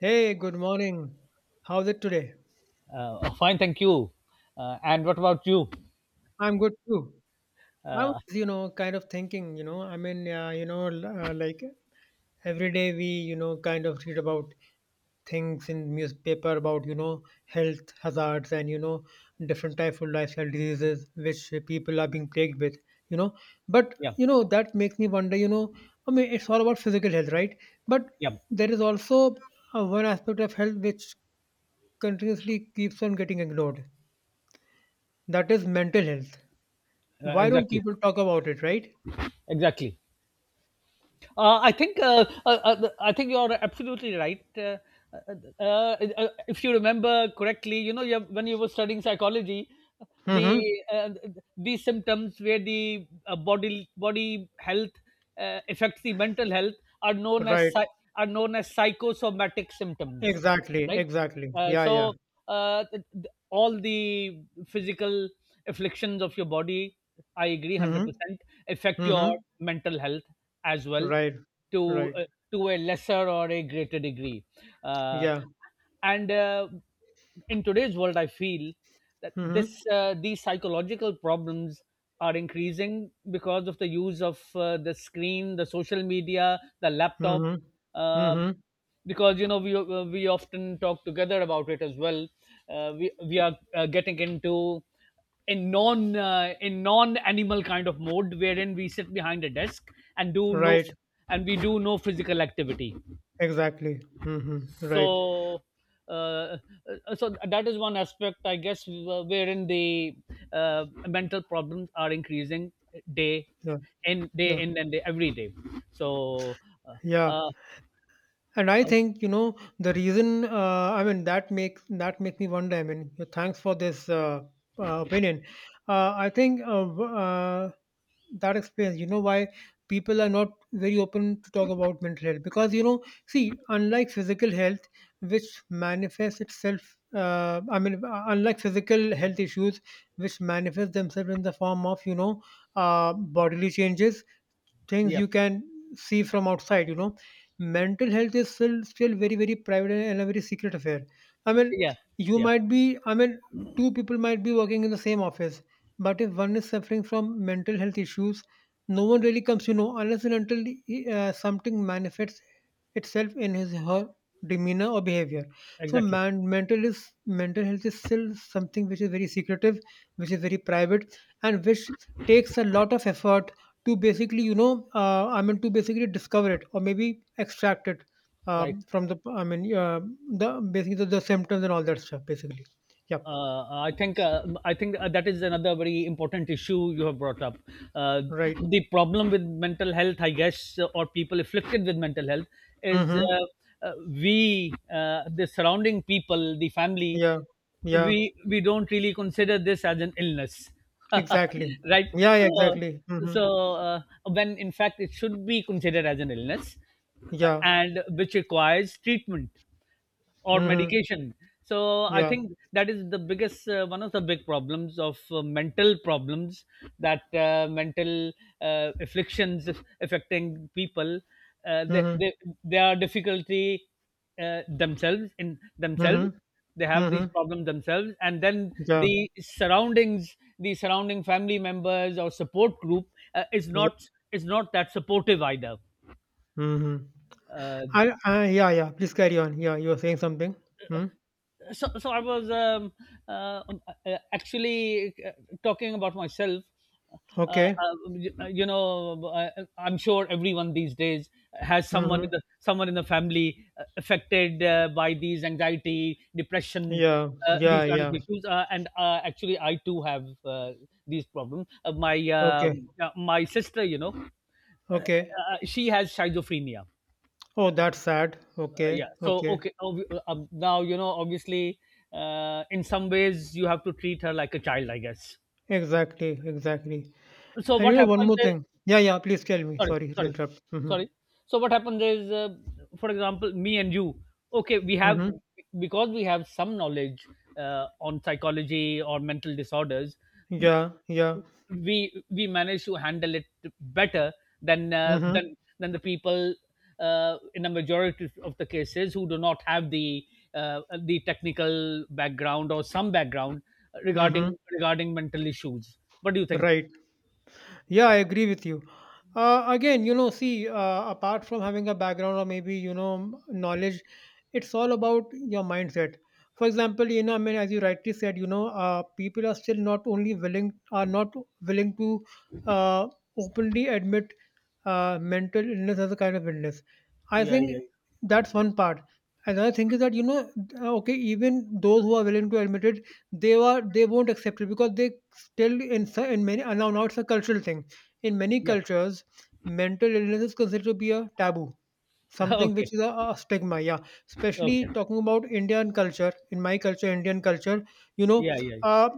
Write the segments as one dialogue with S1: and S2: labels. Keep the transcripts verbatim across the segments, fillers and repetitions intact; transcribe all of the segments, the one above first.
S1: Hey, good morning. How's it today?
S2: Uh, fine, thank you. Uh, and what about you?
S1: I'm good too. I was,
S2: Uh,
S1: you know, kind of thinking, you know, I mean, uh, you know, l- uh, like every day we, you know, kind of read about things in newspaper about, you know, health hazards and, you know, different types of lifestyle diseases which people are being plagued with, you know. But,
S2: yeah,
S1: you know, that makes me wonder, you know, I mean, it's all about physical health, right? But
S2: yeah,
S1: there is also uh, one aspect of health which continuously keeps on getting ignored. That is mental health.
S2: uh,
S1: Why don't
S2: exactly,
S1: people talk about it, right?
S2: exactly. Uh, I think uh, uh, uh, I think you're absolutely right. Uh, uh, uh, uh, if you remember correctly, you know, you have, when you were studying psychology, the
S1: Mm-hmm.
S2: uh, these symptoms where the uh, body body health uh, affects the mental health are known as
S1: Right.
S2: psy- are known as psychosomatic symptoms,
S1: Exactly.
S2: right?
S1: Exactly.
S2: Uh,
S1: Yeah, yeah.
S2: so uh, th- th- all the physical afflictions of your body, I agree one hundred
S1: Mm-hmm.
S2: percent, affect your
S1: Mm-hmm.
S2: mental health as well
S1: Right.
S2: to
S1: Right.
S2: uh, to a lesser or a greater degree. Uh,
S1: Yeah.
S2: and uh, In today's world, I feel that this
S1: Mm-hmm.
S2: uh, these psychological problems are increasing because of the use of uh, the screen, the social media, the laptop.
S1: Mm-hmm.
S2: Uh,
S1: Mm-hmm.
S2: because you know we uh, we often talk together about it as well. Uh, we we are uh, getting into a non uh, a non animal kind of mode wherein we sit behind a desk and do no
S1: Right.
S2: and we do no physical activity.
S1: Exactly. Mm-hmm. Right.
S2: So uh, uh, so that is one aspect I guess, wh- wherein the uh, mental problems are increasing day
S1: Yeah.
S2: in day
S1: Yeah.
S2: in and day every day. so uh,
S1: Yeah.
S2: uh,
S1: And I
S2: uh,
S1: think you know the reason. Uh, I mean that makes that makes me wonder. I mean, thanks for this uh, uh, opinion. Uh, I think uh, w- uh, that explains. You know why people are not very open to talk about mental health because you know, see, unlike physical health, which manifests itself. Uh, I mean, uh, unlike physical health issues, which manifest themselves in the form of you know uh, bodily changes, things
S2: yeah,
S1: you can see from outside. You know mental health is still still very very private and a very secret affair. I mean,
S2: yeah,
S1: you
S2: yeah,
S1: might be, I mean, two people might be working in the same office. But if one is suffering from mental health issues, no one really comes to know unless and until he- uh, something manifests itself in his her demeanor or behavior. So
S2: exactly,
S1: man mental is mental health is still something which is very secretive, which is very private and which takes a lot of effort to basically you know uh, I mean to basically discover it or maybe extract it
S2: right.
S1: um, from the I mean uh, the basically the, the symptoms and all that stuff basically. Yep.
S2: uh, I think uh, I think uh, That is another very important issue you have brought up. Uh,
S1: Right.
S2: the problem with mental health, I guess, uh, or people afflicted with mental health, is
S1: Mm-hmm.
S2: uh, uh, we uh, the surrounding people, the family.
S1: Yeah, yeah,
S2: We we don't really consider this as an illness,
S1: exactly.
S2: right?
S1: Yeah, yeah,
S2: So
S1: exactly. Mm-hmm.
S2: so uh, when in fact it should be considered as an illness,
S1: Yeah.
S2: and which requires treatment or
S1: Mm-hmm.
S2: medication. So I
S1: Yeah.
S2: think that is the biggest uh, one of the big problems of uh, mental problems, that uh, mental uh, afflictions aff- affecting people, uh, they,
S1: Mm-hmm.
S2: they they are difficulty uh, themselves in themselves.
S1: Mm-hmm.
S2: They have these
S1: Mm-hmm.
S2: problems themselves, and then
S1: Yeah,
S2: the surroundings the surrounding family members or support group uh, is
S1: yeah.
S2: not is not that supportive either.
S1: Mm-hmm.
S2: uh,
S1: I, I yeah, yeah, please carry on. Yeah, you were saying something. Hmm?
S2: so, so I was um, uh, uh, actually uh, talking about myself. Uh,
S1: Okay.
S2: uh, you know, I, I'm sure everyone these days has someone in
S1: Mm-hmm.
S2: the someone in the family uh, affected uh, by these anxiety, depression,
S1: Yeah,
S2: uh,
S1: yeah,
S2: these kind of
S1: yeah.
S2: issues. Uh, and uh, Actually, I too have uh, these problems. Uh, my
S1: Okay,
S2: um, uh, my sister, you know, uh,
S1: okay.
S2: uh, she has schizophrenia.
S1: Oh, that's sad.
S2: Uh,
S1: Okay,
S2: yeah, so
S1: okay.
S2: okay. Ob- uh, um, now you know obviously uh, in some ways you have to treat her like a child, I guess.
S1: Exactly, exactly.
S2: So
S1: And you
S2: what
S1: know one
S2: happens
S1: more
S2: is
S1: thing. Yeah, yeah, please tell me.
S2: Sorry,
S1: Sorry to
S2: sorry,
S1: interrupt. Mm-hmm.
S2: sorry. So what happens is uh, for example, me and you, okay, we have
S1: Mm-hmm.
S2: because we have some knowledge uh, on psychology or mental disorders.
S1: Yeah, yeah.
S2: We we manage to handle it better than uh,
S1: Mm-hmm.
S2: than than the people uh, in a majority of the cases who do not have the uh, the technical background or some background regarding
S1: Mm-hmm.
S2: regarding mental issues. What do you think?
S1: Right. Yeah, I agree with you. Uh, again, you know, see, uh, apart from having a background or maybe, you know, knowledge, it's all about your mindset. For example, you know, I mean, as you rightly said, you know, uh, people are still not only willing, are not willing to uh, openly admit uh, mental illness as a kind of illness. I
S2: Yeah, yeah,
S1: think that's one part. Another thing is that, you know, uh, okay, even those who are willing to admit it, they are they won't accept it because they still in so- in many, and now now it's a cultural thing. In many
S2: yep.
S1: cultures, mental illness is considered to be a taboo. Something
S2: Okay,
S1: which is a a stigma, yeah. Especially
S2: okay.
S1: talking about Indian culture, in my culture, Indian culture, you know,
S2: Yeah, yeah,
S1: uh,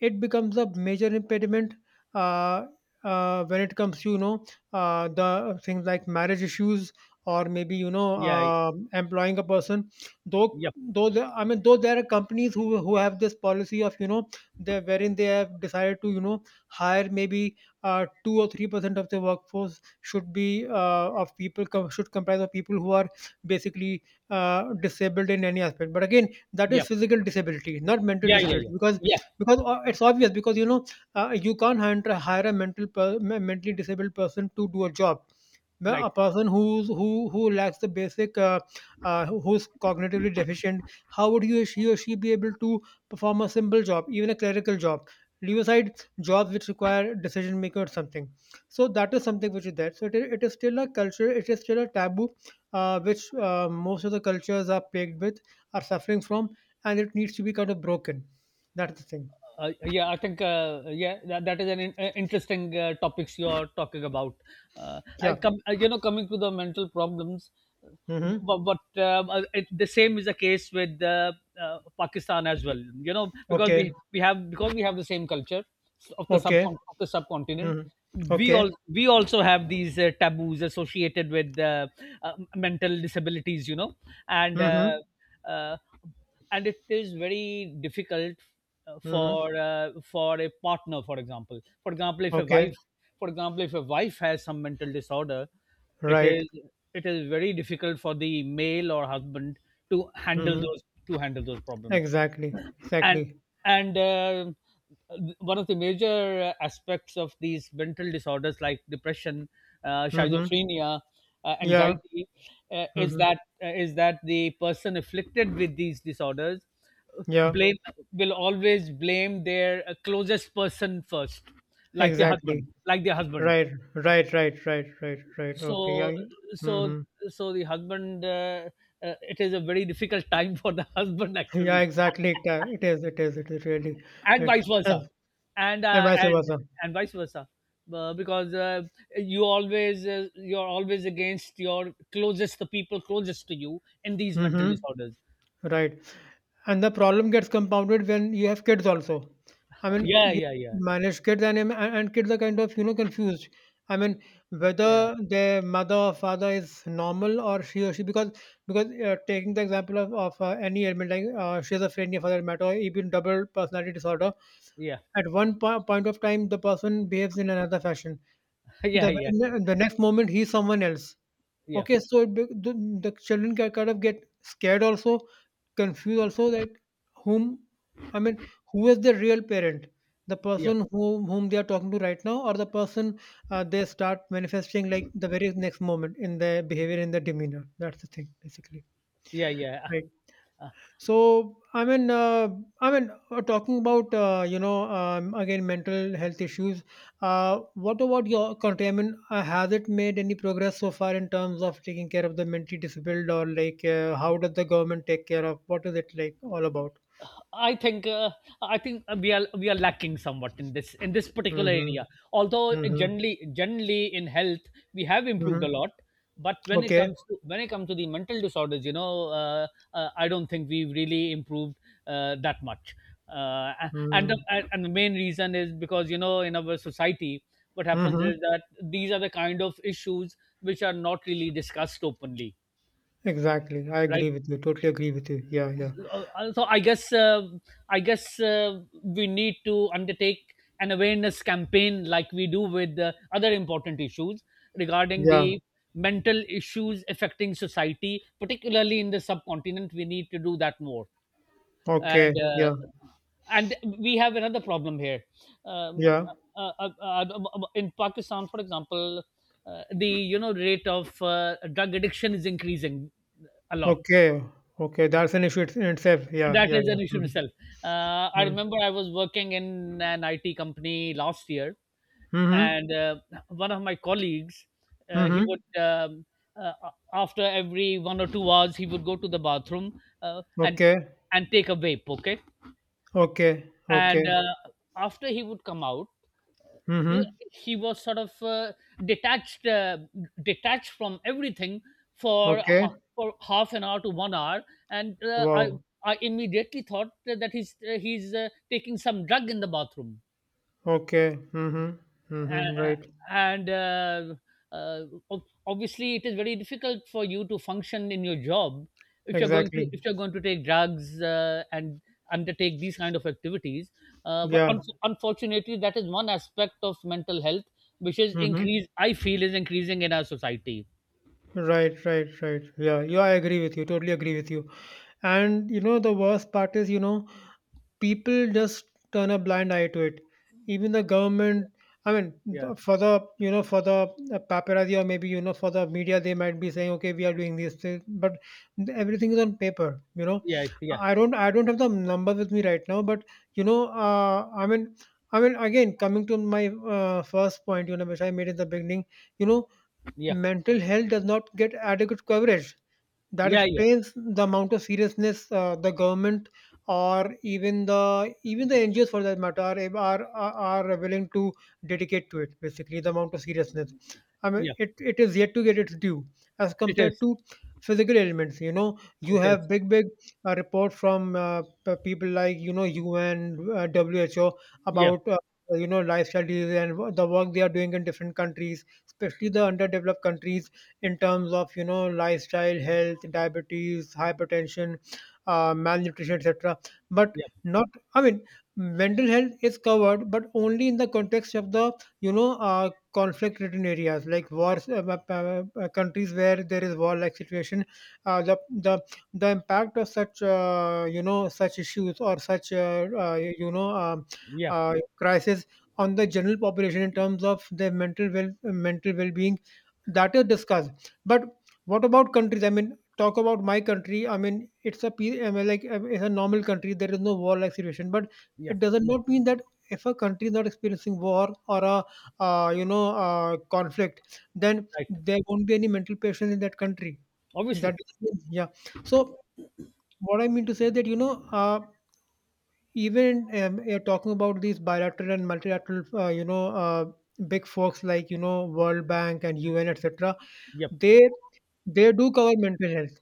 S1: it becomes a major impediment uh, uh, when it comes to, you know, uh, the things like marriage issues or maybe, you know,
S2: yeah, yeah,
S1: uh, employing a person. Though,
S2: yep,
S1: though there, I mean, though there are companies who, who have this policy of, you know, they wherein they have decided to, you know, hire maybe uh, two or three percent of the workforce should be uh, of people com- should comprise of people who are basically uh, disabled in any aspect. But again, that is
S2: yep.
S1: physical disability, not mental
S2: Yeah, yeah,
S1: disability,
S2: yeah,
S1: because
S2: yeah.
S1: because uh, it's obvious because you know uh, you can't hire, hire a mental per- me- mentally disabled person to do a job. Well,
S2: Right.
S1: a person who's who who lacks the basic, uh, uh, who- who's cognitively deficient, how would he or she or she be able to perform a simple job, even a clerical job? Leave aside jobs which require decision making or something. So that is something which is there. So it is, it is still a culture. It is still a taboo, uh, which uh, most of the cultures are plagued with, are suffering from, and it needs to be kind of broken. That's the thing.
S2: Uh, yeah, I think uh, yeah, that, that is an in, uh, interesting uh, topics you are talking about. Uh, I
S1: Yeah.
S2: come uh, you know Coming to the mental problems,
S1: Mm-hmm.
S2: but, but um, uh, uh, it, the same is the case with uh, uh, Pakistan as well. You know because we
S1: Okay.
S2: we have because we have the same culture of the
S1: Okay.
S2: subcon- of the subcontinent.
S1: Mm-hmm.
S2: We
S1: Okay.
S2: all we also have these uh, taboos associated with uh, uh, mental disabilities. You know and. Uh,
S1: Mm-hmm.
S2: uh, and it is very difficult uh,
S1: Mm-hmm.
S2: for uh, for a partner, for example, for example if a
S1: Okay.
S2: wife for example if a wife has some mental disorder. it
S1: Right.
S2: is it is very difficult for the male or husband to handle
S1: Mm-hmm.
S2: those to handle those problems.
S1: Exactly.
S2: and
S1: Exactly.
S2: and uh, one of the major uh, aspects of these mental disorders like depression, uh,
S1: Mm-hmm.
S2: schizophrenia, uh,
S1: Yeah.
S2: anxiety, uh, is
S1: Mm-hmm.
S2: that uh, is that the person afflicted with these disorders, uh,
S1: Yeah.
S2: blame will always blame their uh, closest person first, like their
S1: Exactly.
S2: husband like their husband.
S1: Right. Right. Right. Right. Right. Right. Okay. Yeah.
S2: so so
S1: Mm-hmm.
S2: so the husband, uh, uh, it is a very difficult time for the husband
S1: Yeah,
S2: actually.
S1: exactly. It uh, it is. It is. It is really
S2: And
S1: right.
S2: vice versa.
S1: And,
S2: and
S1: and
S2: uh,
S1: vice
S2: and
S1: versa.
S2: and vice versa, uh, because uh, you always uh, you're always against your closest, the people closest to you in these mental
S1: Hmm.
S2: disorders.
S1: Right. And the problem gets compounded when you have kids also. I mean,
S2: Yeah,
S1: you
S2: yeah, yeah,
S1: manage kids, and and and kids are kind of you know confused. I mean,
S2: yeah,
S1: whether their mother or father is normal or she or she because because uh, taking the example of of uh, any ailment like uh, schizophrenia for that matter, or even double personality disorder.
S2: yeah.
S1: At one po- point of time, the person behaves in another fashion.
S2: Yeah,
S1: The
S2: yeah,
S1: very ne- the next moment, he's someone else.
S2: yeah,
S1: Okay, so it be the the children ki kind of get scared also, confused also that whom I mean, who is the real parent? The
S2: yeah,
S1: person whom whom they are talking to right now, or the person uh, they start manifesting like the very next moment in their behavior, in their demeanor. That's the thing, basically.
S2: yeah, yeah.
S1: Right. So I mean, uh, I mean, uh, talking about uh, you know um, again mental health issues. Uh, what about your country? I mean, uh, has it made any progress so far in terms of taking care of the mentally disabled, or like uh, how does the government take care of? What is it like all about?
S2: I think uh, I think we are we are lacking somewhat in this in this particular
S1: Mm-hmm.
S2: area. Although
S1: Mm-hmm.
S2: generally generally in health we have improved a
S1: Mm-hmm.
S2: lot, but when it
S1: Okay.
S2: comes to when it comes to the mental disorders, you know, uh, uh, I don't think we've really improved uh, that much. Uh, and the
S1: Mm-hmm.
S2: and and the main reason is because you know in our society what happens
S1: Mm-hmm.
S2: is that these are the kind of issues which are not really discussed openly,
S1: Exactly. I
S2: right?
S1: agree with you. Totally agree with you. Yeah. Yeah.
S2: Uh, uh, so I guess uh, I guess uh, we need to undertake an awareness campaign like we do with uh, other important issues regarding
S1: Yeah.
S2: the mental issues affecting society, particularly in the subcontinent. We need to do that more,
S1: Okay.
S2: and uh,
S1: Yeah.
S2: and we have another problem here. Um,
S1: Yeah.
S2: uh, uh, uh, uh, uh, uh, uh, in Pakistan, for example, uh, the you know rate of uh, drug addiction is increasing a lot.
S1: Okay. Okay. That's an issue in itself. Yeah.
S2: That
S1: Yeah.
S2: is
S1: Yeah.
S2: an issue in
S1: Mhm.
S2: itself. Uh, I
S1: Mm.
S2: remember I was working in an I T company last year,
S1: Mhm.
S2: and uh, one of my colleagues, uh, he
S1: Mhm.
S2: would, um, uh, after every one or two hours, he would go to the bathroom uh, and
S1: Okay.
S2: and take a vape, okay?
S1: Okay.
S2: And
S1: Okay.
S2: uh, After he would come out, yeah,
S1: Mhm.
S2: he was sort of uh, detached uh, detached from everything for
S1: Okay.
S2: ha- for half an hour to one hour. and uh, i
S1: Wow.
S2: i immediately thought that he's uh, he's uh, taking some drug in the bathroom.
S1: Okay. Mhm. Mhm.
S2: uh,
S1: Right.
S2: and uh, uh, ob- Obviously it is very difficult for you to function in your job if you're going to
S1: Exactly.
S2: if you're going to take drugs uh, and undertake these kind of activities. Uh, but un-
S1: Yeah.
S2: unfortunately that is one aspect of mental health which is
S1: Mhm.
S2: increase I feel is increasing in our society.
S1: Right, right, right. Yeah, yeah, I agree with you. Totally agree with you. And you know, the worst part is, you know, people just turn a blind eye to it. Even the government, I mean,
S2: Yeah,
S1: the- for the, you know, for the uh, paparazzi or maybe, you know, for the media, they might be saying, okay, we are doing these things, but everything is on paper, you know.
S2: yeah, yeah,
S1: I don't, I don't have the numbers with me right now, but, you know, uh, I mean, I mean, again, coming to my uh, first point, you know, which I made in the beginning, you know,
S2: yeah,
S1: mental health does not get adequate coverage. That
S2: yeah, yeah,
S1: explains the amount of seriousness uh, the government or even the even the N G Os for that matter are, are are willing to dedicate to it. Basically, the amount of seriousness. I mean,
S2: yeah.
S1: it, it is yet to get its due as
S2: It
S1: compared
S2: is.
S1: to physical elements. You know, you
S2: It
S1: have
S2: is.
S1: big big uh, report from uh, p- people like you know U N, uh, W H O
S2: Yeah,
S1: about. Uh, you know lifestyle diseases and the work they are doing in different countries, especially the underdeveloped countries, in terms of you know lifestyle health, diabetes, hypertension, uh, malnutrition, et cetera. But
S2: yeah,
S1: not, I mean, mental health is covered but only in the context of the you know uh, conflict ridden areas like wars, uh, uh, uh, uh, countries where there is war like situation, uh, the, the the impact of such uh, you know such issues or such uh, uh, you know um,
S2: yeah,
S1: uh, crisis on the general population in terms of their mental well mental well being, that is discussed. But what about countries? I mean, talk about my country. I mean, it's a pe- I mean, like I it's a normal country. There is no war-like situation, but
S2: yeah.
S1: it doesn't not mean that if a country is not experiencing war or a uh, you know uh, conflict, then
S2: Right.
S1: there won't be any mental patients in that country. That
S2: Obviously.
S1: is, yeah. So what I mean to say that you know, uh, even um, you're talking about these bilateral and multilateral uh, you know uh, big folks like you know World Bank and U N, et cetera.
S2: Yep.
S1: they they do cover mental health.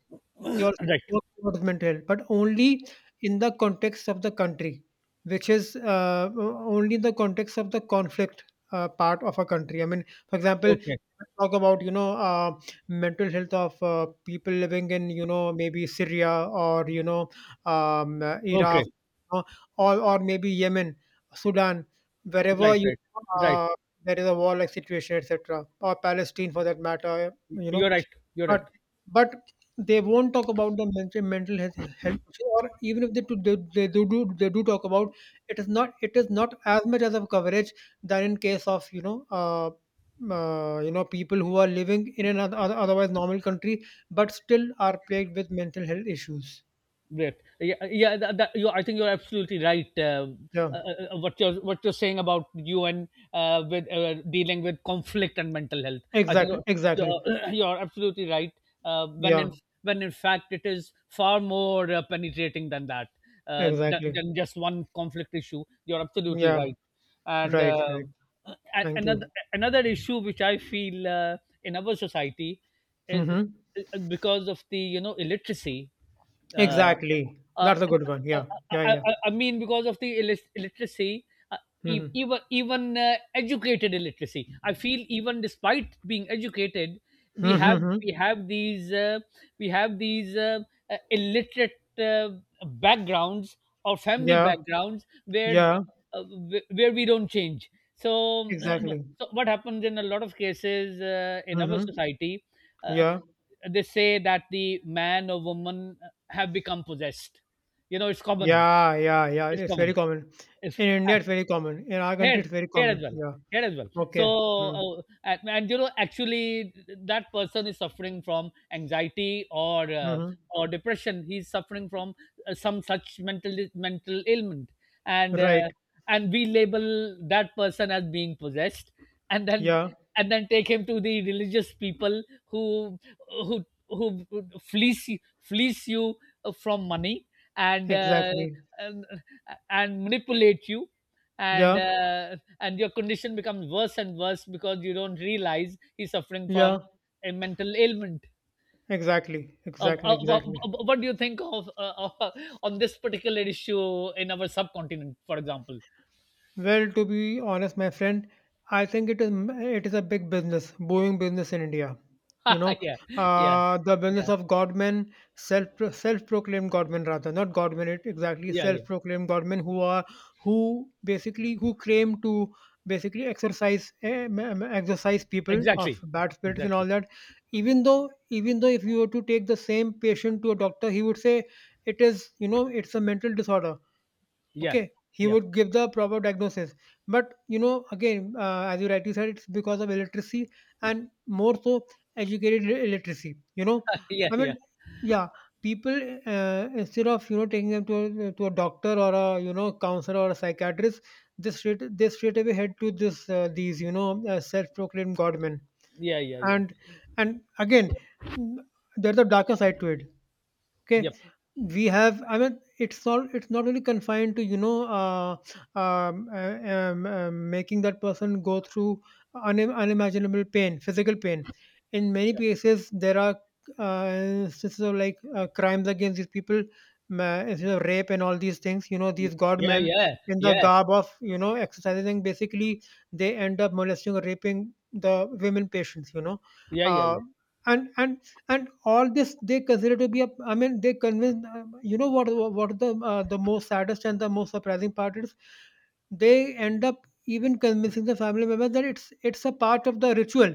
S1: They also
S2: Right.
S1: work towards mental health, but only in the context of the country, which is uh, o- only in the context of the conflict uh, part of a country. I mean, for example,
S2: Okay,
S1: talk about you know uh, mental health of uh, people living in you know maybe Syria or you know um, uh,
S2: okay.
S1: Iraq, you know, or or maybe Yemen, Sudan, wherever
S2: Right,
S1: you
S2: right,
S1: know,
S2: right.
S1: uh, there is a war-like situation, et cetera, or Palestine for that matter. You know
S2: You're right. You're right.
S1: but but they won't talk about the mental mental health health issue, or even if they do they they do do they do talk about, it is not it is not as much as of coverage than in case of, you know, uh, uh, you know, people who are living in an oth- oth- otherwise normal country, but still are plagued with mental health issues.
S2: Great. Yeah, yeah. That, that, you, I think you're absolutely right. Um,
S1: Yeah.
S2: uh, uh, uh, what you're what you're saying about U N, uh, with uh, dealing with conflict and mental health. I think
S1: Exactly.
S2: you're
S1: Exactly.
S2: you're, you're absolutely right. Uh, when
S1: Yeah.
S2: in when in fact it is far more uh, penetrating than that, uh, than,
S1: Exactly.
S2: than just one conflict issue. You're absolutely
S1: Yeah.
S2: right. And
S1: Right.
S2: uh,
S1: Right.
S2: a-
S1: Thank
S2: another
S1: you.
S2: another issue which I feel uh, in our society is,
S1: hmm
S2: is because of the you know illiteracy. uh,
S1: Exactly.
S2: uh,
S1: That's a good one.
S2: I,
S1: Yeah. Yeah.
S2: I,
S1: Yeah.
S2: I I mean, because of the illis- illiteracy, uh, e-
S1: hmm
S2: even even uh, educated illiteracy. I feel even despite being educated, we
S1: hmm
S2: have
S1: hmm
S2: we have these uh, we have these uh, uh, illiterate uh, backgrounds or family
S1: Yeah.
S2: backgrounds where
S1: Yeah,
S2: uh, wh- where we don't change. So, uh,
S1: exactly.
S2: so what happens in a lot of cases uh, in our
S1: Mm-hmm.
S2: society? Uh,
S1: Yeah,
S2: they say that the man or woman have become possessed. You know, it's common.
S1: yeah, yeah, yeah.
S2: It's
S1: It's very
S2: common.
S1: common.
S2: It's,
S1: In India, it's very common. In our country,
S2: Here,
S1: it's very
S2: here as
S1: common.
S2: well
S1: Yeah.
S2: here as well. so
S1: Okay. Mm.
S2: uh, and, and you know actually that person is suffering from anxiety or uh,
S1: Mm-hmm.
S2: or depression. He's suffering from uh, some such mental mental ailment, and uh,
S1: Right.
S2: and we label that person as being possessed, and then
S1: Yeah,
S2: and then take him to the religious people who who who fleece you- fleece you from money, and uh,
S1: exactly.
S2: and, and manipulate you, and
S1: Yeah,
S2: uh, and your condition becomes worse and worse because you don't realize he's suffering from
S1: yeah,
S2: a mental ailment.
S1: exactly.
S2: Uh,
S1: Exactly,
S2: uh, wha-
S1: exactly.
S2: wha- what do you think of uh, uh, on this particular issue in our subcontinent, for example?
S1: Well, to be honest, my friend, I think it is it is a big business, booming business in India. You know,
S2: Yeah, yeah,
S1: uh, the business
S2: yeah,
S1: of godmen, self self proclaimed godmen rather, not godmen it, exactly,
S2: yeah, yeah.
S1: self proclaimed godmen who are who basically who claim to basically exercise eh, ma- ma- exercise people of
S2: Exactly,
S1: bad spirits and all
S2: exactly.
S1: that. Even though even though if you were to take the same patient to a doctor, he would say it is you know it's a mental disorder.
S2: Yeah,
S1: Okay, he
S2: yeah.
S1: would give the proper diagnosis, but you know again, uh, as you rightly said, it's because of illiteracy, and more so educated li- illiteracy, you know.
S2: Yeah,
S1: I
S2: yeah,
S1: mean, yeah, people, uh, instead of you know taking them to a, to a doctor or a you know counselor or a psychiatrist, they straight they straight away head to this uh, these you know uh, self-proclaimed godmen.
S2: yeah, yeah, yeah.
S1: And and again mm, there's a darker side to it. Okay,
S2: Yep,
S1: we have, I mean, it's not it's not really confined to you know, uh, um, uh, um, uh, making that person go through unim unimaginable pain, physical pain. In many
S2: yep,
S1: cases there are uh, instances of like uh, crimes against these people, ma- instances of rape and all these things, you know,
S2: yep.
S1: these
S2: Yeah,
S1: godmen,
S2: yeah,
S1: in the
S2: yeah,
S1: garb of you know exercising, basically they end up molesting or raping the women patients, you know.
S2: yeah, yeah,
S1: uh,
S2: yeah.
S1: and and and all this they consider to be a, I mean they convince, uh, you know what what the uh, the most saddest and the most surprising part is, they end up even convincing the family members that it's it's a part of the ritual,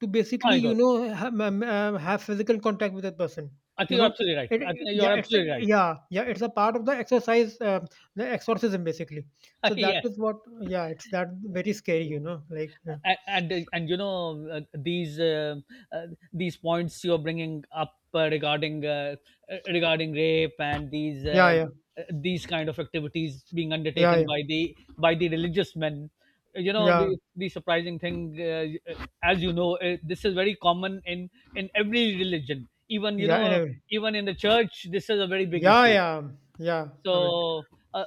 S1: to
S2: Oh
S1: basically
S2: my
S1: you
S2: God,
S1: know ha- um, uh, have physical contact with that person,
S2: I
S1: you
S2: think you're
S1: know
S2: absolutely right.
S1: it,
S2: I think you're
S1: yeah it's a,
S2: absolutely right.
S1: yeah yeah it's a part of the exercise, uh, the exorcism basically. So that
S2: Yeah.
S1: is what, yeah it's that, very scary
S2: Yeah.
S1: you know like.
S2: A- and uh, and you know uh, these uh, uh, these points you're bringing up uh, regarding uh, uh, regarding rape and these
S1: Yeah
S2: uh,
S1: yeah yeah
S2: uh, these kind of activities being
S1: yeah
S2: undertaken
S1: yeah
S2: by the by the religious men. You know,
S1: yeah. Yeah,
S2: the the surprising thing uh, uh, as you know, uh, this is very common in in every religion, even you
S1: yeah.
S2: know,
S1: Anyway.
S2: even in the church this is a very big
S1: Yeah,
S2: issue.
S1: yeah, yeah. I mean,
S2: so uh, uh,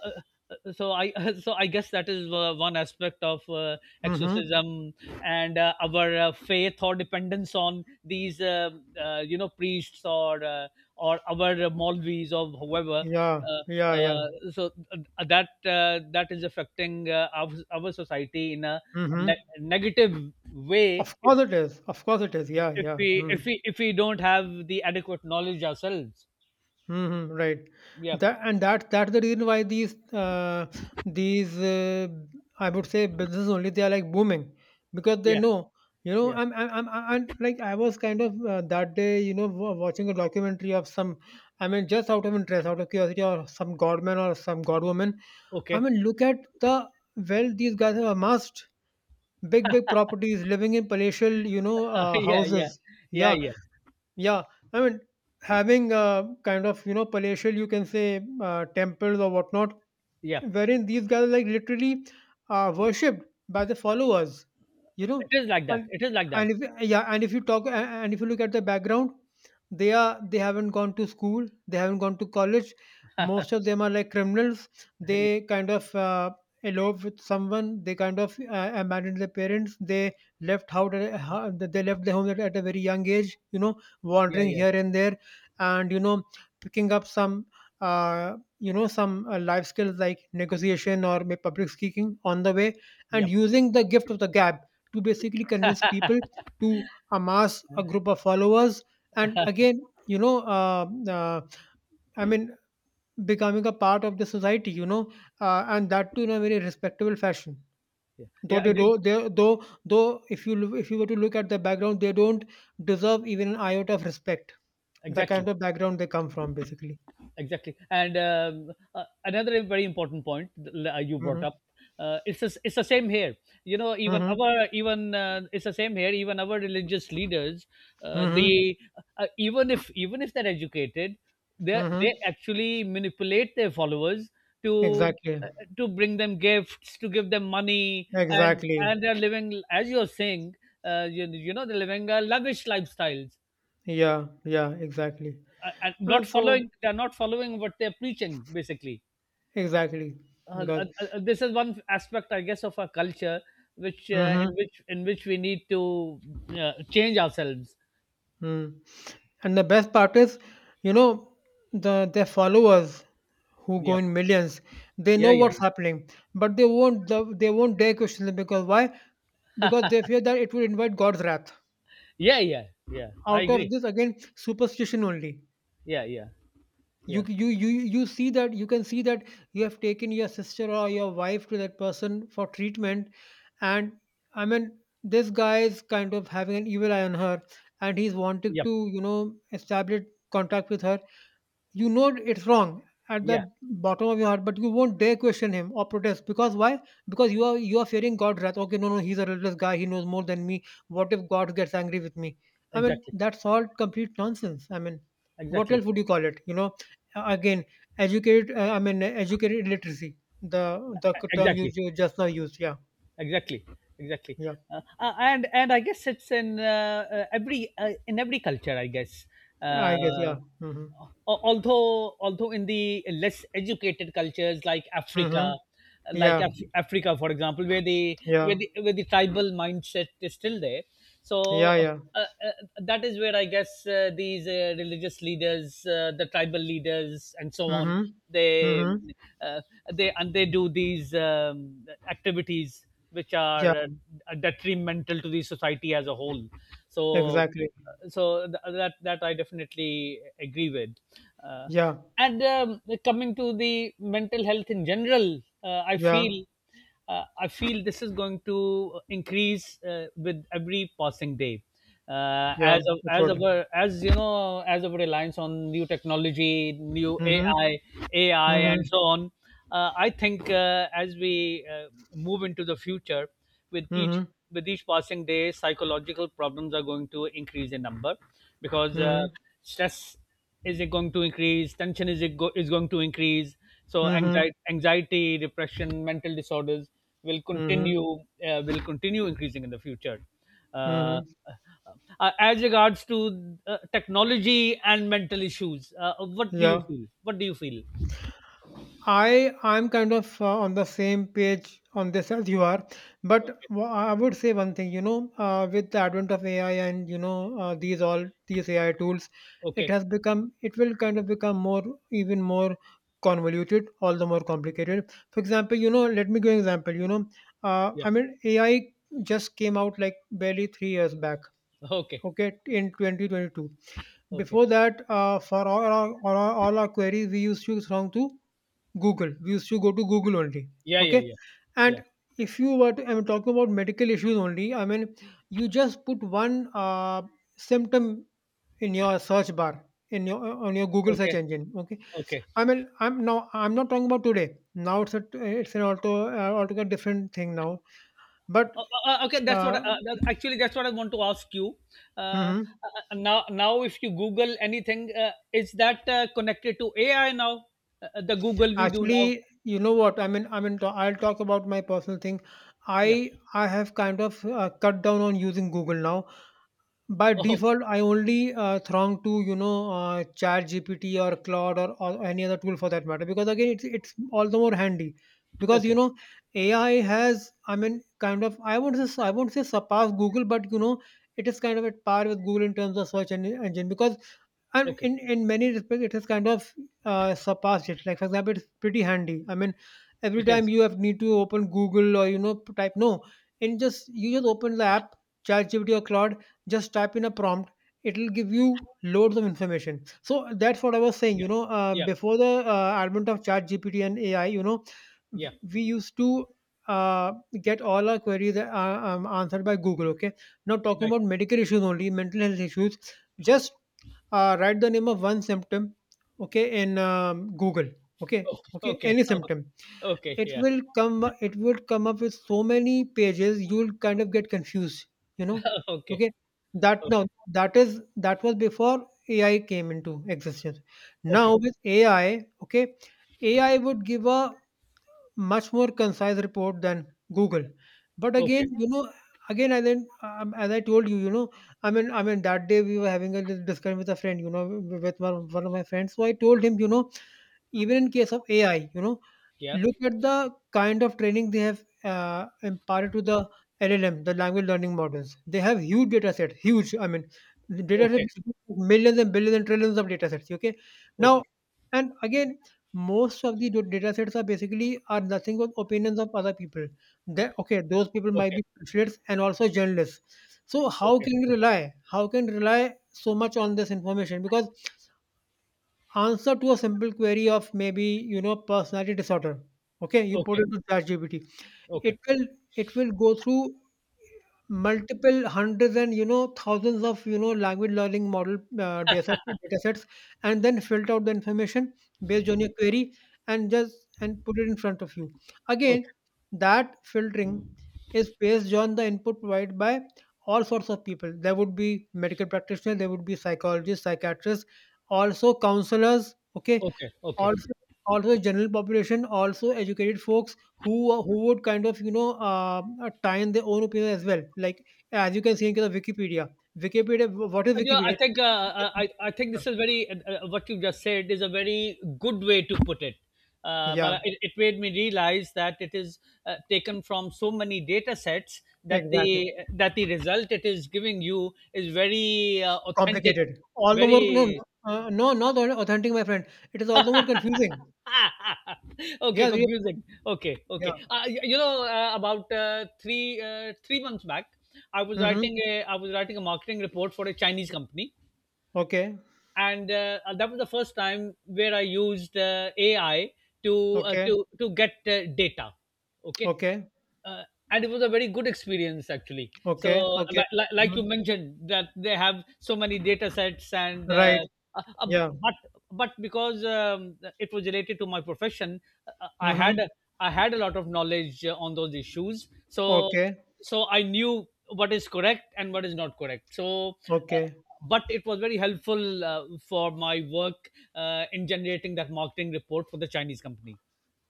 S2: uh, so i so i guess that is uh, one aspect of uh,
S1: mhm.
S2: exorcism and uh, our uh, faith or dependence on these uh, uh, you know priests, or uh, or our malvis or whoever.
S1: Yeah,
S2: uh,
S1: yeah, yeah.
S2: uh, so uh, that uh, that is affecting uh, our, our society in a
S1: Mhm.
S2: ne- negative way,
S1: Of
S2: if,
S1: course it is. Of course it is. Yeah,
S2: if
S1: yeah.
S2: we if
S1: Mm.
S2: we if we don't have the adequate knowledge ourselves.
S1: Mhm. Right.
S2: Yeah,
S1: That and that that's the reason why these uh, these uh, I would say businesses only, they are like booming, because they
S2: yeah,
S1: know, you know.
S2: yeah.
S1: I'm I'm I'm, i I'm- like I was kind of, uh, that day you know wa- watching a documentary of some, I mean just out of interest, out of curiosity, or some godman or some godwoman. I
S2: Okay.
S1: mean look at the, well these guys have amassed big big properties, living in palatial you know uh,
S2: Yeah, yeah.
S1: houses.
S2: Yeah,
S1: Yeah
S2: yeah.
S1: yeah, I mean having uh, kind of you know palatial you can say uh, temples or whatnot,
S2: Yeah.
S1: wherein these guys are like literally uh, worshipped by the followers, you know.
S2: It is like that.
S1: And
S2: It is like
S1: and
S2: that.
S1: if yeah, and if you talk a- And if you look at the background, they are they haven't gone to school, they haven't gone to college. Most of them are like criminals. They kind of uh, elope with someone. They kind of uh, abandoned their parents. They Left, how they left their home at, at a very young age. You know,
S2: Yeah,
S1: wandering
S2: yeah.
S1: here and there, and you know, picking up some, uh, you know some uh, life skills like negotiation or may public speaking on the way, and
S2: Yep.
S1: using the gift of the gab to basically convince people to amass a group of followers. And again, you know, uh, uh, I mean becoming a part of the society, you know, uh, and that too in a very respectable fashion,
S2: Yeah.
S1: though
S2: Yeah,
S1: they
S2: agree.
S1: do they, though though if you loo- if you were to look at the background they don't deserve even an iota of respect, the kind
S2: Exactly.
S1: of background they come from, basically.
S2: Exactly. And um, uh, another very important point that uh, you brought
S1: Hmm.
S2: up, uh, it's the- it's the same here, you know, even
S1: Hmm.
S2: our even uh, it's the same here, even our religious leaders, uh,
S1: Hmm.
S2: they uh, uh, even if even if they're educated, they
S1: Hmm.
S2: they actually manipulate their followers to
S1: Exactly.
S2: uh, to bring them gifts, to give them money, and
S1: Exactly.
S2: and they're living, as you're saying, uh, you, you know, they're living uh, lavish lifestyles,
S1: Yeah. Yeah. Exactly.
S2: uh, and not
S1: And
S2: following,
S1: so
S2: they're not following what they're preaching basically.
S1: exactly,
S2: Uh,
S1: because
S2: uh, uh, uh, this is one aspect I guess of our culture which uh, in
S1: mm-hmm,
S2: which in which we need to uh, change ourselves.
S1: mm. And the best part is, you know, the their followers who go
S2: Yeah,
S1: in millions, they
S2: yeah,
S1: know
S2: yeah,
S1: what's happening, but they won't the, they won't dare question it, because why? Because they fear that it will invite God's wrath.
S2: yeah, yeah, yeah, yeah, I
S1: Out of
S2: agree.
S1: this again, superstition only.
S2: Yeah, yeah,
S1: you
S2: yeah.
S1: you you you see that, you can see that, you have taken your sister or your wife to that person for treatment, and I mean this guy is kind of having an evil eye on her, and he's wanted
S2: Yep.
S1: to you know establish contact with her, you know it's wrong at the
S2: Yeah.
S1: bottom of your heart, but you won't dare question him or protest, because why? Because you are, you are fearing God's wrath. Okay, no no, he's a religious guy, he knows more than me, what if God gets angry with me? I mean,
S2: Exactly.
S1: that's all complete nonsense. I mean, what
S2: Exactly.
S1: else would you call it, you know? Uh, again, educated uh, i mean uh, educated illiteracy, the the term you
S2: Exactly.
S1: ju- just now used, yeah.
S2: Exactly. Exactly.
S1: Yeah,
S2: uh, uh, and and I guess it's in uh, uh, every uh, in every culture I guess.
S1: I guess.
S2: uh,
S1: Yeah, mm-hmm.
S2: al- although although in the less educated cultures like
S1: Mm-hmm.
S2: Africa, like
S1: Yeah
S2: Af- africa for example, where the
S1: yeah
S2: where the where the tribal mindset is still there.
S1: yeah
S2: so
S1: yeah.
S2: uh, uh, that is where I guess uh, these uh, religious leaders, uh, the tribal leaders and so on,
S1: Mm-hmm.
S2: they
S1: Mm-hmm.
S2: uh, they and they do these um, activities which are
S1: Yeah,
S2: uh, detrimental to the society as a whole. So,
S1: exactly.
S2: so th- that that I definitely agree with. Uh,
S1: Yeah.
S2: and um, Coming to the mental health in general, uh, I
S1: Yeah,
S2: feel, uh, I feel this is going to increase uh, with every passing day. Uh,
S1: yeah,
S2: as of,
S1: it
S2: as
S1: would.
S2: our, as you know, as our reliance on new technology, new
S1: Mm-hmm.
S2: A I, A I,
S1: Mm-hmm.
S2: and so on, uh, I think uh, as we uh, move into the future, with each
S1: Mm-hmm.
S2: with each passing day, psychological problems are going to increase in number, because uh,
S1: Mm-hmm.
S2: stress is it going to increase, tension is it go- is going to increase. So
S1: Mm-hmm.
S2: anxiety, anxiety, depression, mental disorders will
S1: Mm-hmm.
S2: continue, uh, will continue increasing in the future. Uh,
S1: Mm-hmm.
S2: uh, uh, as regards to uh, technology and mental issues, uh, what do you
S1: Yeah.
S2: feel? What do you feel?
S1: I I'm kind of uh, on the same page on this as you are, but
S2: Okay.
S1: wha- I would say one thing. You know, uh, with the advent of A I and you know uh, these all these A I tools, it
S2: Okay.
S1: has become it will kind of become more, even more convoluted, all the more complicated. For example, you know, let me give you an example. You know, uh,
S2: Yeah.
S1: I mean A I just came out like barely three years back,
S2: Okay.
S1: okay, in twenty twenty-two.
S2: Okay.
S1: Before that, uh, for all our, all our all our queries we used to belong to Google, we used to go to Google only.
S2: Yeah. Yeah.
S1: Okay,
S2: Yeah. Yeah.
S1: and if you were to, I'm talking about medical issues only, I mean you just put one uh, symptom in your search bar, in your on your Google search
S2: Okay.
S1: engine. Okay,
S2: Okay.
S1: I mean i'm now I'm not talking about today, now it's a, it's an auto uh, altogether different thing now, but
S2: Uh, uh, uh, okay. That's what.
S1: uh,
S2: I- Uh, that, actually, that's what I want to ask you. Uh,
S1: mhm.
S2: uh, uh, Now, now, if you Google anything, uh, is that uh, connected to A I now? Uh, uh, the Google we do now.
S1: Actually, you know what? I mean, I mean, to- I'll talk about my personal thing.
S2: Yeah.
S1: I I have kind of uh, cut down on using Google now. By
S2: Oh, okay.
S1: default, I only uh, throng to you know uh, G P T or Claude, or, or any other tool for that matter. Because again, it's it's all the more handy. Because you
S2: Okay.
S1: know, A I has, I mean, kind of, I won't say I won't say surpass Google, but you know, it is kind of at par with Google in terms of search en- engine. Because, and
S2: Okay.
S1: in in many respects it has kind of uh, surpassed it. Like for example, it's pretty handy, I mean every
S2: It
S1: time
S2: is.
S1: you have need to open Google or you know p- type no, and just you just open the app, ChatGPT or Claude, just type in a prompt. It'll give you loads of information. So that's what I was saying.
S2: Yeah.
S1: You know, uh,
S2: Yeah.
S1: before the uh, advent of ChatGPT and A I, you know,
S2: Yeah.
S1: w- we used to uh, get all our queries uh, um, answered by Google. Okay, now talking
S2: Right.
S1: about medical issues only, mental health issues, just uh, write the name of one symptom, okay, in um, Google, okay,
S2: Okay.
S1: okay,
S2: Okay.
S1: any symptom.
S2: Okay. Okay.
S1: It
S2: Yeah.
S1: will come, it will come up with so many pages, you'll kind of get confused, you know.
S2: Okay.
S1: Okay, that now,
S2: Okay.
S1: that is, that was before AI came into existence. Now
S2: Okay.
S1: with AI, okay, AI would give a much more concise report than Google. But
S2: Okay.
S1: again, you know, again, as I um, as I told you, you know, I mean, I mean, that day we were having a little discussion with a friend, you know, with one, one of my friends. So I told him, you know, even in case of A I, you know,
S2: Yeah.
S1: look at the kind of training they have uh, imparted to the L L M, the language learning models. They have huge data set, huge. I mean, the data set
S2: Okay.
S1: is millions and billions and trillions of data sets. Okay, now,
S2: Okay.
S1: and again, most of the do- data sets are basically are nothing but opinions of other people. That okay, those people
S2: Okay.
S1: might
S2: Okay.
S1: be specialists and also journalists. So how
S2: Okay.
S1: can we rely? How can we rely so much on this information? Because answer to a simple query of maybe you know personality disorder, okay, you put
S2: Okay.
S1: it to ChatGPT, it
S2: Okay.
S1: will, it will go through multiple hundreds and you know thousands of you know language learning model uh, data, set- data sets, and then filter out the information based on your query, and just and put it in front of you.
S2: Okay.
S1: Again, that filtering is based on the input provided by all sorts of people. There would be medical practitioners, there would be psychologists, psychiatrists, also counselors, okay,
S2: Okay. Okay.
S1: also, also the general population, also educated folks who uh, who would kind of, you know, uh, uh, tie in their own opinion as well. Like, as you can see in case of Wikipedia. Wikipedia, wh- what is
S2: Uh, Yeah,
S1: Wikipedia?
S2: I
S1: It-
S2: think uh, uh, I I think this is very, uh, uh, what you just said is a very good way to put it. Uh,
S1: Yeah.
S2: Mala- it, it made me realize that it is uh, taken from so many data sets
S1: Yeah,
S2: that
S1: exactly.
S2: the that the result it is giving you is very, uh, authentic,
S1: Complicated. All the more. No,
S2: very.
S1: no, uh, no, not au- authentic, my friend. It is all the more confusing.
S2: Okay,
S1: Yeah, re-
S2: confusing. Okay,
S1: yeah.
S2: okay. Uh, y- you know, uh, about uh, three uh, three months back, I was
S1: Mm-hmm.
S2: writing a, I was writing a marketing report for a Chinese company,
S1: Okay,
S2: and uh, that was the first time where I used uh, A I to uh,
S1: okay,
S2: to to get uh, data. Okay,
S1: okay,
S2: uh, and it was a very good experience, actually.
S1: okay,
S2: So,
S1: okay.
S2: like, like, like
S1: Mhm.
S2: you mentioned, that they have so many data sets, and uh,
S1: Right.
S2: uh, uh,
S1: Yeah.
S2: but but because um, it was related to my profession, uh, I had
S1: Mm-hmm.
S2: a- I had a lot of knowledge uh, on those issues. So
S1: Okay,
S2: so I knew what is correct and what is not correct. So, uh,
S1: okay,
S2: but it was very helpful uh, for my work uh, in generating that marketing report for the Chinese company.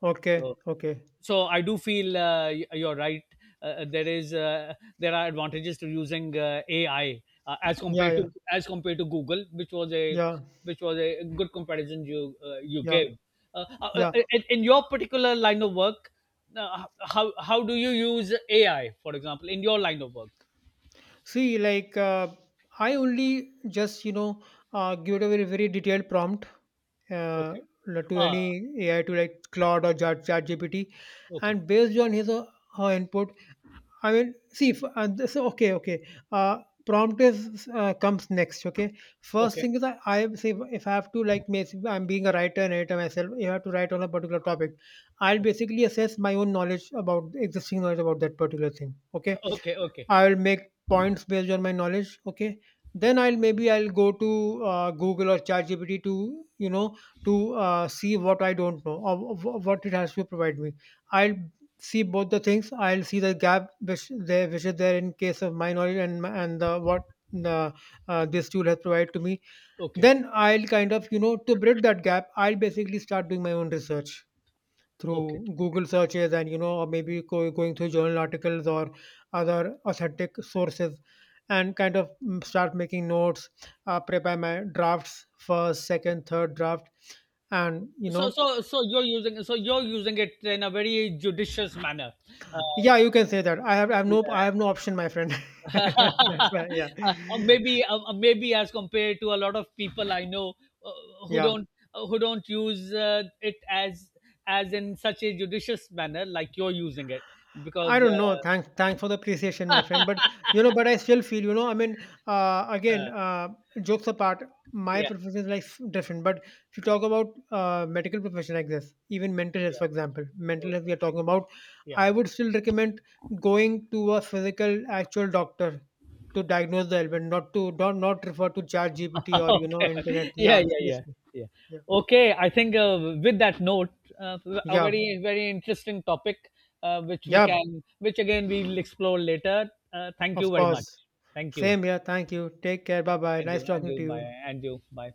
S1: okay,
S2: So,
S1: okay.
S2: so I do feel, uh, y- you're right. Uh, uh, there is, uh, there are advantages to using uh, A I uh, as
S1: Yeah,
S2: compared to,
S1: yeah,
S2: as compared to Google, which was a,
S1: yeah.
S2: which was a good comparison you uh, you
S1: Yeah,
S2: gave. Uh, uh, uh,
S1: yeah.
S2: in, in your particular line of work, uh, how how do you use A I, for example, in your line of work?
S1: See, like uh, I only just you know uh, give it a very very detailed prompt, uh,
S2: Okay.
S1: to
S2: Ah,
S1: any A I, to like Claude or Chat ChatGPT,
S2: okay.
S1: and based on his or her input. I mean, see, if, uh, this, okay, okay. Uh, prompt is, uh, comes next. Okay, first
S2: Okay.
S1: thing is, I, I say, if if I have to like make, I'm being a writer and editor myself. You have to write on a particular topic. I'll basically assess my own knowledge about existing knowledge about that particular thing. Okay,
S2: Okay. Okay.
S1: I'll make points based on my knowledge. Okay, then I'll maybe I'll go to uh, Google or ChatGPT to you know to uh, see what I don't know, or wh- what it has to provide me. I'll see both the things. I'll see the gap which there which is there in case of my knowledge and my- and the what the, uh, this tool has provided to me.
S2: Okay.
S1: Then I'll kind of you know to bridge that gap, I'll basically start doing my own research
S2: Okay.
S1: through Google searches, and you know, or maybe go, going through journal articles or other authentic sources, and kind of mm, start making notes, uh, prepare my drafts, first, second, third draft, and you
S2: So
S1: know,
S2: so so you're using, so you're using it in a very judicious manner. Uh,
S1: yeah,
S2: so,
S1: you can say that. I have, I have
S2: yeah.
S1: no, I have no option, my friend. That's right. Yeah,
S2: Uh, maybe uh, uh, maybe as compared to a lot of people I know uh, who
S1: yeah.
S2: don't, uh, who don't use uh, it as as in such a judicious manner like you're using it,
S1: I
S2: because
S1: don't know.
S2: uh,
S1: Thanks, thanks for the appreciation, my
S2: uh,
S1: friend. But you know, but I still feel, you know, I mean, uh, again, uh, jokes apart, my
S2: yeah,
S1: profession is like different. But if you talk about uh, medical profession like this, even mental health, for
S2: yeah,
S1: example, mental health
S2: okay,
S1: we are talking about,
S2: yeah.
S1: I would still recommend going to a physical actual doctor to diagnose the ailment, not to don't not refer to Chat G P T or you know
S2: Okay.
S1: internet.
S2: Yeah,
S1: Yeah,
S2: yeah, yeah,
S1: seriously.
S2: yeah.
S1: Yeah,
S2: Okay, I think, uh, with that note, uh, a
S1: yeah,
S2: very, very interesting topic, uh, which we
S1: yeah.
S2: can, which again we'll explore later. Uh, thank you
S1: Of
S2: very much.
S1: course.
S2: Thank you,
S1: Same here. Thank you. Take care. Bye bye.
S2: and
S1: Nice
S2: you, and
S1: talking
S2: you,
S1: to
S2: bye,
S1: you.
S2: and you, bye.